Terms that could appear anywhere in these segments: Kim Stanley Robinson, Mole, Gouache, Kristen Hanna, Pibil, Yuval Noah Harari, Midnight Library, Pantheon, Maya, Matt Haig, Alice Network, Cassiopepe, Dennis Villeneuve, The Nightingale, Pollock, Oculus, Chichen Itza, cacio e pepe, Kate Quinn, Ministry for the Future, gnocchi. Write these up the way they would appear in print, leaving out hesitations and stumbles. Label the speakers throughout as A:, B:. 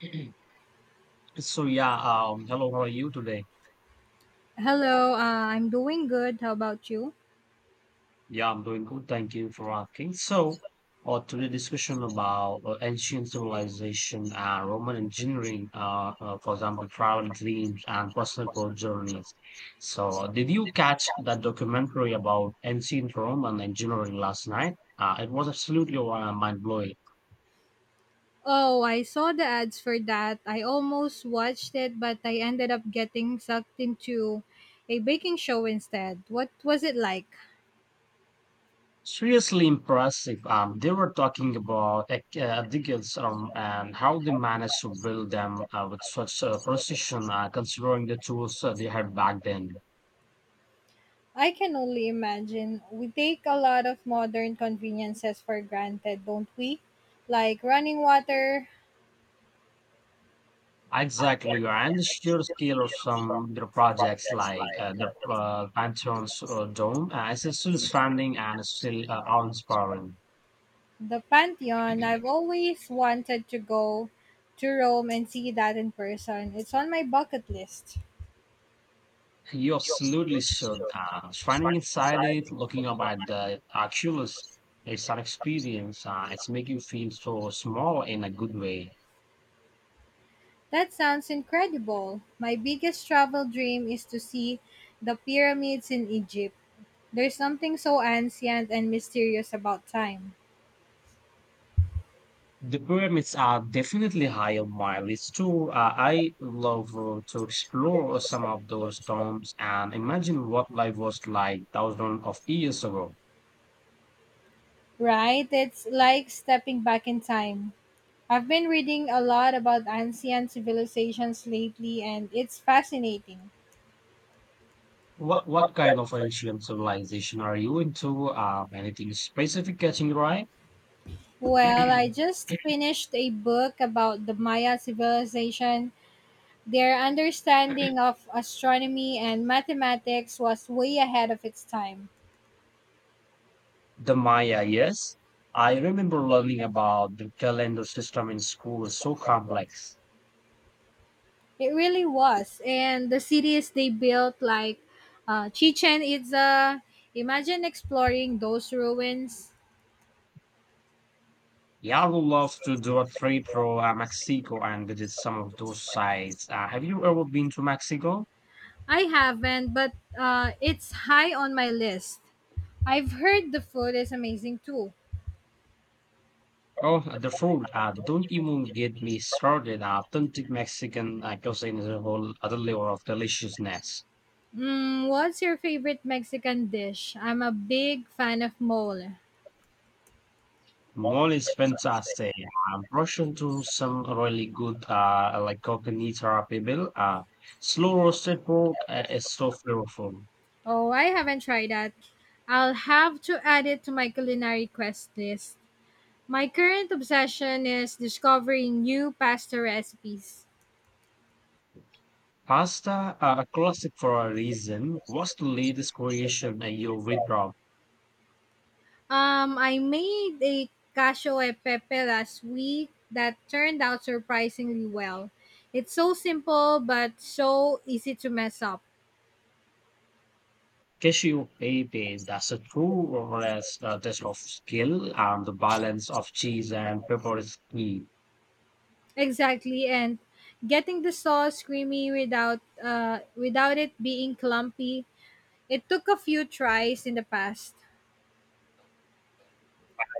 A: So yeah, hello, how are you today?
B: Hello, I'm doing good. How about you?
A: Yeah, I'm doing good. Thank you for asking. Today discussion about ancient civilization and Roman engineering, for example, travel dreams and personal growth journeys. So, did you catch that documentary about ancient Roman engineering last night? It was absolutely mind blowing.
B: Oh, I saw the ads for that. I almost watched it, but I ended up getting sucked into a baking show instead. What was it like?
A: Seriously impressive. They were talking about decades and how they managed to build them with such precision, considering the tools they had back then.
B: I can only imagine. We take a lot of modern conveniences for granted, don't we? Like running water,
A: Exactly, and the sheer scale of some their projects, like the Pantheon's dome, is still standing and is still awe-inspiring.
B: the Pantheon. I've always wanted to go to Rome and see that in person. It's on my bucket list.
A: You absolutely should. Shining inside it, looking up at the Oculus, it's an experience. It's make you feel so small in a good way.
B: That sounds incredible. My biggest travel dream is to see the pyramids in Egypt. There's something so ancient and mysterious about time.
A: The pyramids are definitely high on my list too. I love to explore some of those tombs and imagine what life was like thousands of years ago.
B: Right? It's like stepping back in time. I've been reading a lot about ancient civilizations lately and it's fascinating.
A: What kind of ancient civilization are you into? Anything specific catching your eye?
B: Well, I just finished a book about the Maya civilization. Their understanding of astronomy and mathematics was way ahead of its time.
A: The Maya, yes. I remember learning about the calendar system in school is so complex.
B: It really was. And the cities they built, like Chichen Itza, imagine exploring those ruins.
A: Yeah, I would love to do a trip to Mexico and visit some of those sites. Have you ever been to Mexico?
B: I haven't, but it's high on my list. I've heard the food is amazing too.
A: Oh, the food. Don't even get me started. Authentic Mexican cuisine is a whole other level of deliciousness.
B: Mm, what's your favorite Mexican dish? I'm a big fan of mole.
A: Mole is fantastic. Brush into some really good, like coconut or pibil. Slow roasted pork is so flavorful.
B: Oh, I haven't tried that. I'll have to add it to my culinary quest list. My current obsession is discovering new pasta recipes.
A: Pasta, a classic for a reason, was the latest creation I you with Rob.
B: I made a cacio e pepe last week that turned out surprisingly well. It's so simple but so easy to mess up.
A: Cassiopepe, that's a true or less test of skill, and the balance of cheese and pepper is key.
B: Exactly, and getting the sauce creamy without it being clumpy. It took a few tries in the past.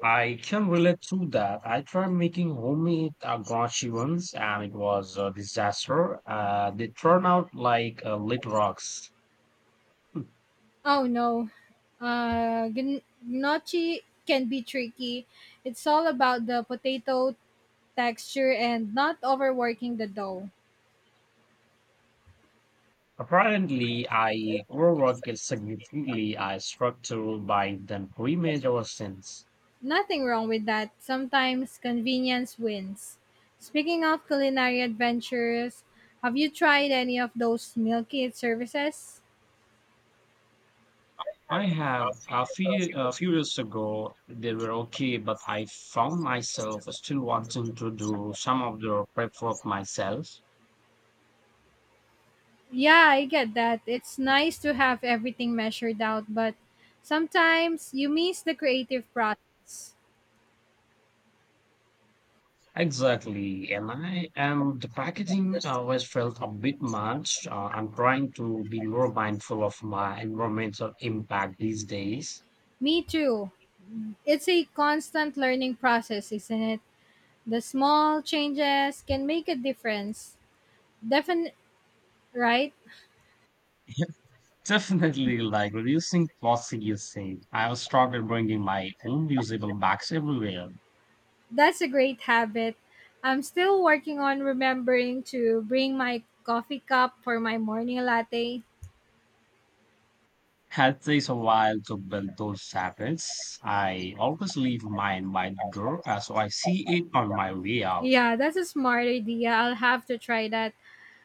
A: I can relate to that. I tried making homemade gouache once, and it was a disaster. They turned out like little rocks. Hmm.
B: Oh no, gnocchi can be tricky. It's all about the potato texture and not overworking the dough.
A: Apparently, I overwork is significantly a structural by than pre-made since.
B: Nothing wrong with that. Sometimes convenience wins. Speaking of culinary adventures, have you tried any of those meal kit services?
A: I have a few years ago they were okay, but I found myself still wanting to do some of the prep work myself.
B: Yeah, I get that. It's nice to have everything measured out, but sometimes you miss the creative process.
A: Exactly, and I am the packaging always felt a bit much. I'm trying to be more mindful of my environmental impact these days.
B: Me too. It's a constant learning process, isn't it? The small changes can make a difference. Definitely, right?
A: Yeah, definitely, like reducing plastic usage. I have started bringing my own reusable bags everywhere.
B: That's a great habit. I'm still working on remembering to bring my coffee cup for my morning latte.
A: Had takes a while to build those habits. I always leave mine by the door, so I see it on my way out.
B: Yeah, that's a smart idea. I'll have to try that.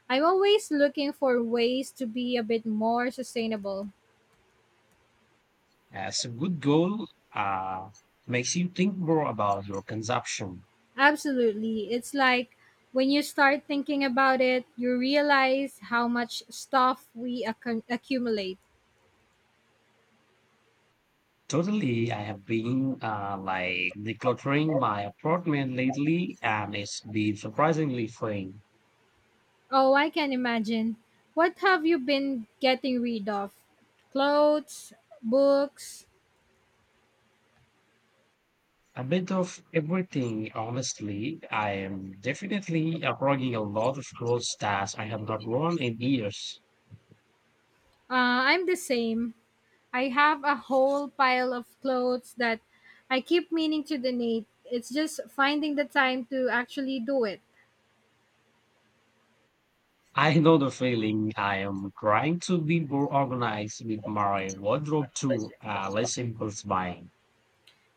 B: I'm always looking for ways to be a bit more sustainable.
A: As a good goal, uh, makes you think more about your consumption.
B: Absolutely. It's like when you start thinking about it, you realize how much stuff we accumulate.
A: Totally, I have been like decluttering my apartment lately, and it's been surprisingly fun.
B: Oh, I can imagine. What have you been getting rid of? Clothes, books,
A: A bit of everything, honestly. I am definitely uploading a lot of clothes that I have not worn in years.
B: I'm the same. I have a whole pile of clothes that I keep meaning to donate. It's just finding the time to actually do it.
A: I know the feeling. I am trying to be more organized with my wardrobe too, less impulse buying.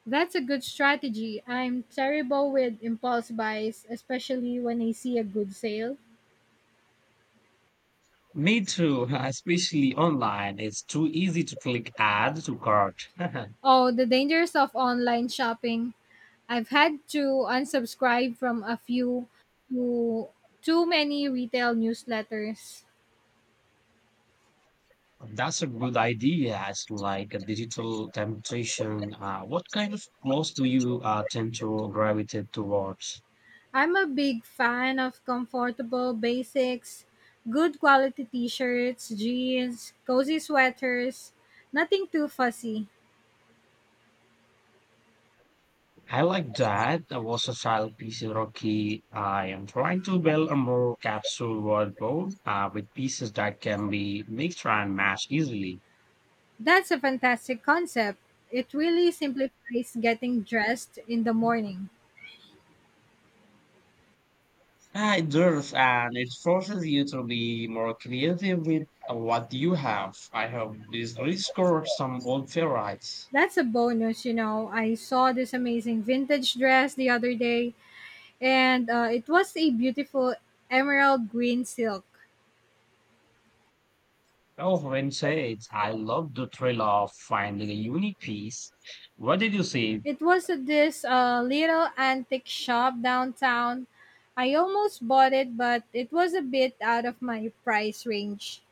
B: That's a good strategy. I'm terrible with impulse buys, especially when I see a good sale.
A: Me too, especially online. It's too easy to click add to cart.
B: Oh, the dangers of online shopping. I've had to unsubscribe from a few to too many retail newsletters.
A: That's a good idea. It's like a digital temptation. What kind of clothes do you tend to gravitate towards?
B: I'm a big fan of comfortable basics, good quality t shirts, jeans, cozy sweaters, nothing too fussy.
A: I like that. I was a child piece rocky. I am trying to build a more capsule wardrobe with pieces that can be mixed and matched easily.
B: That's a fantastic concept. It really simplifies getting dressed in the morning.
A: Ah, it does, and it forces you to be more creative with what you have. I have this rediscovered some old favorites.
B: That's a bonus, you know. I saw this amazing vintage dress the other day, and it was a beautiful emerald green silk.
A: Oh, when said, I love the thrill of finding a unique piece. What did you see?
B: It was at this little antique shop downtown. I almost bought it, but it was a bit out of my price range.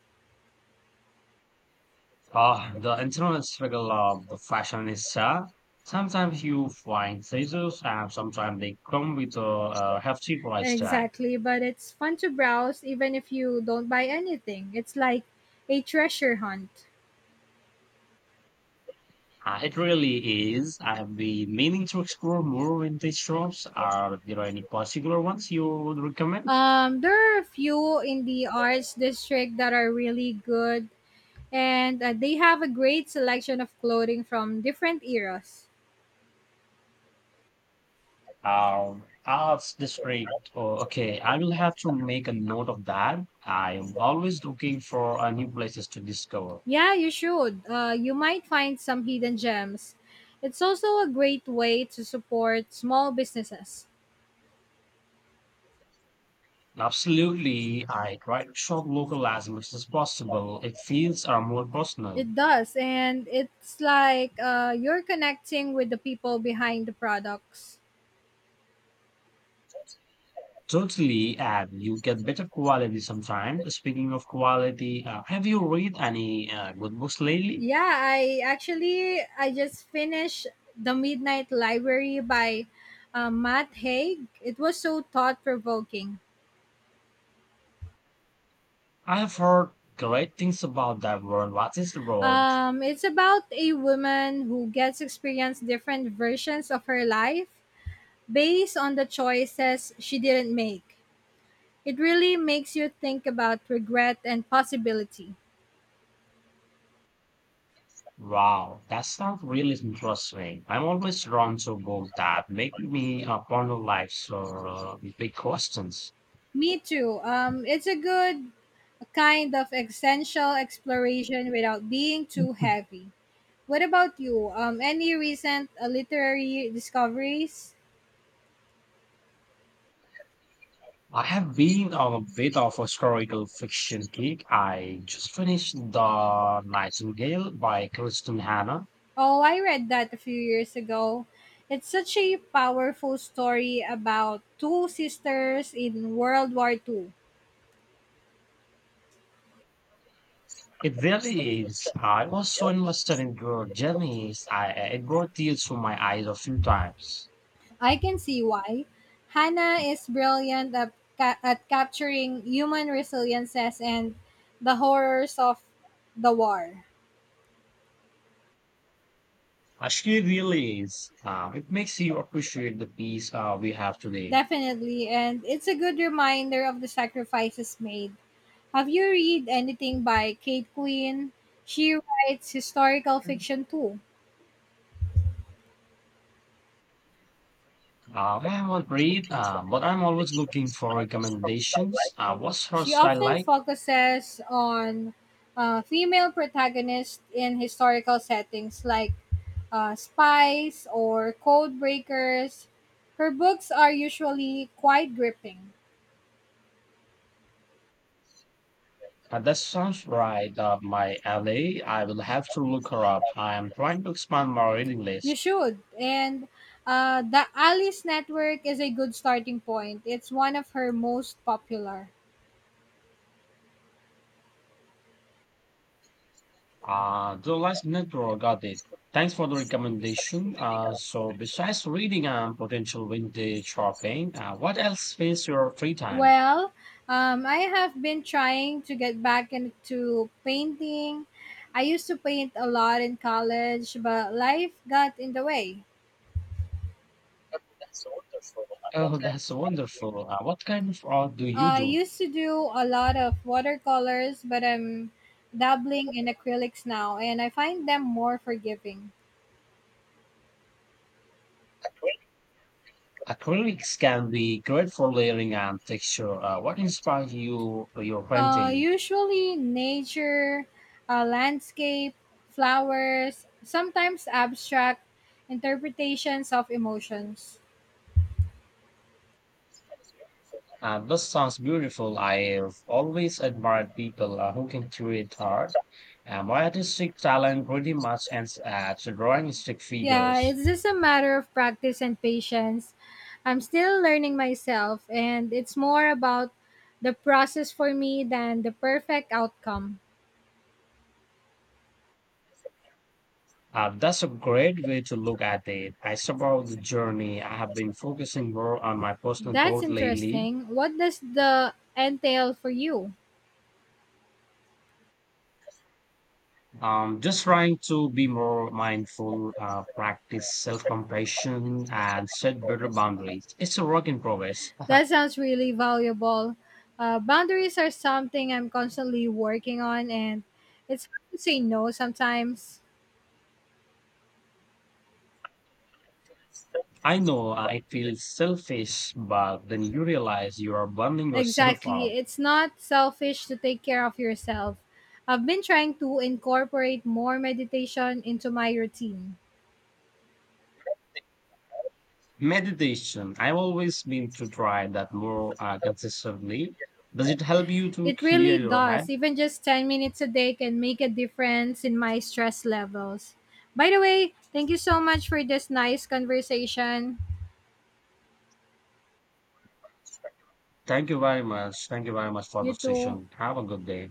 A: Ah, the internal struggle of the fashionista. Sometimes you find treasures, and sometimes they come with a hefty price tag.
B: Exactly, but it's fun to browse even if you don't buy anything. It's like a treasure hunt.
A: It really is. I have been meaning to explore more vintage shops. Are there any particular ones you would recommend?
B: There are a few in the arts district that are really good, and they have a great selection of clothing from different eras.
A: Arts district. Oh, okay, I will have to make a note of that. I am always looking for new places to discover.
B: Yeah, you should. You might find some hidden gems. It's also a great way to support small businesses.
A: Absolutely, I try to shop local as much as possible. It feels are more personal.
B: It does, and it's like you're connecting with the people behind the products.
A: Totally, and you get better quality sometimes. Speaking of quality, have you read any good books lately?
B: Yeah, I just finished the Midnight Library by Matt Haig. It was so thought provoking.
A: I have heard great things about that one. What is the road?
B: It's about a woman who gets experience different versions of her life based on the choices she didn't make. It really makes you think about regret and possibility.
A: Wow, that sounds really interesting. I'm always drawn to book that make me ponder life's big questions.
B: Me too. It's a good kind of essential exploration without being too heavy. What about you? Any recent literary discoveries?
A: I have been a bit of a historical fiction geek. I just finished The Nightingale by Kristen Hanna.
B: Oh, I read that a few years ago. It's such a powerful story about two sisters in World War Two.
A: It really is. I was so invested in her journeys. It brought tears to my eyes a few times.
B: I can see why. Hannah is brilliant at, at capturing human resiliences and the horrors of the war.
A: Actually, really is. It makes you appreciate the peace we have today.
B: Definitely, and it's a good reminder of the sacrifices made. Have you read anything by Kate Quinn? She writes historical fiction too.
A: I haven't read, but I'm always looking for recommendations. What's her
B: She
A: style
B: often
A: like?
B: focuses on female protagonists in historical settings like spies or code breakers. Her books are usually quite gripping.
A: That sounds right up my alley. I will have to look her up. I am trying to expand my reading
B: You
A: list.
B: should. And the Alice Network is a good starting point. It's one of her most popular.
A: The last network got it. Thanks for the recommendation. So besides reading and potential vintage shopping, what else fills your free time?
B: Well, I have been trying to get back into painting. I used to paint a lot in college, but life got in the way.
A: Oh, that's wonderful. What kind of art do you
B: I
A: do?
B: used to do a lot of watercolors, but I'm dabbling in acrylics now, and I find them more forgiving.
A: Acrylics can be great for layering and texture. What inspired you for your painting?
B: Usually nature, landscape, flowers, sometimes abstract interpretations of emotions.
A: This sounds beautiful. I've always admired people who can create art. My artistic talent pretty much ends at drawing stick
B: Yeah,
A: figures.
B: it's just a matter of practice and patience. I'm still learning myself, and it's more about the process for me than the perfect outcome.
A: That's a great way to look at it. I support the journey. I have been focusing more on my personal
B: That's
A: growth lately.
B: interesting. What does the entail for you?
A: Just trying to be more mindful, practice self compassion, and set better boundaries. It's a work in progress.
B: That sounds really valuable. Boundaries are something I'm constantly working on, and it's hard to say no sometimes.
A: I know it feels selfish, but then you realize you are burning yourself
B: Exactly.
A: out.
B: It's not selfish to take care of yourself. I've been trying to incorporate more meditation into my routine.
A: Meditation. I've always been to try that more consistently. Does it help you to
B: It
A: clear
B: really
A: your
B: does.
A: head?
B: Even just 10 minutes a day can make a difference in my stress levels. By the way, thank you so much for this nice conversation.
A: Thank you very much. Thank you very much for the
B: You too.
A: session. Have a good day.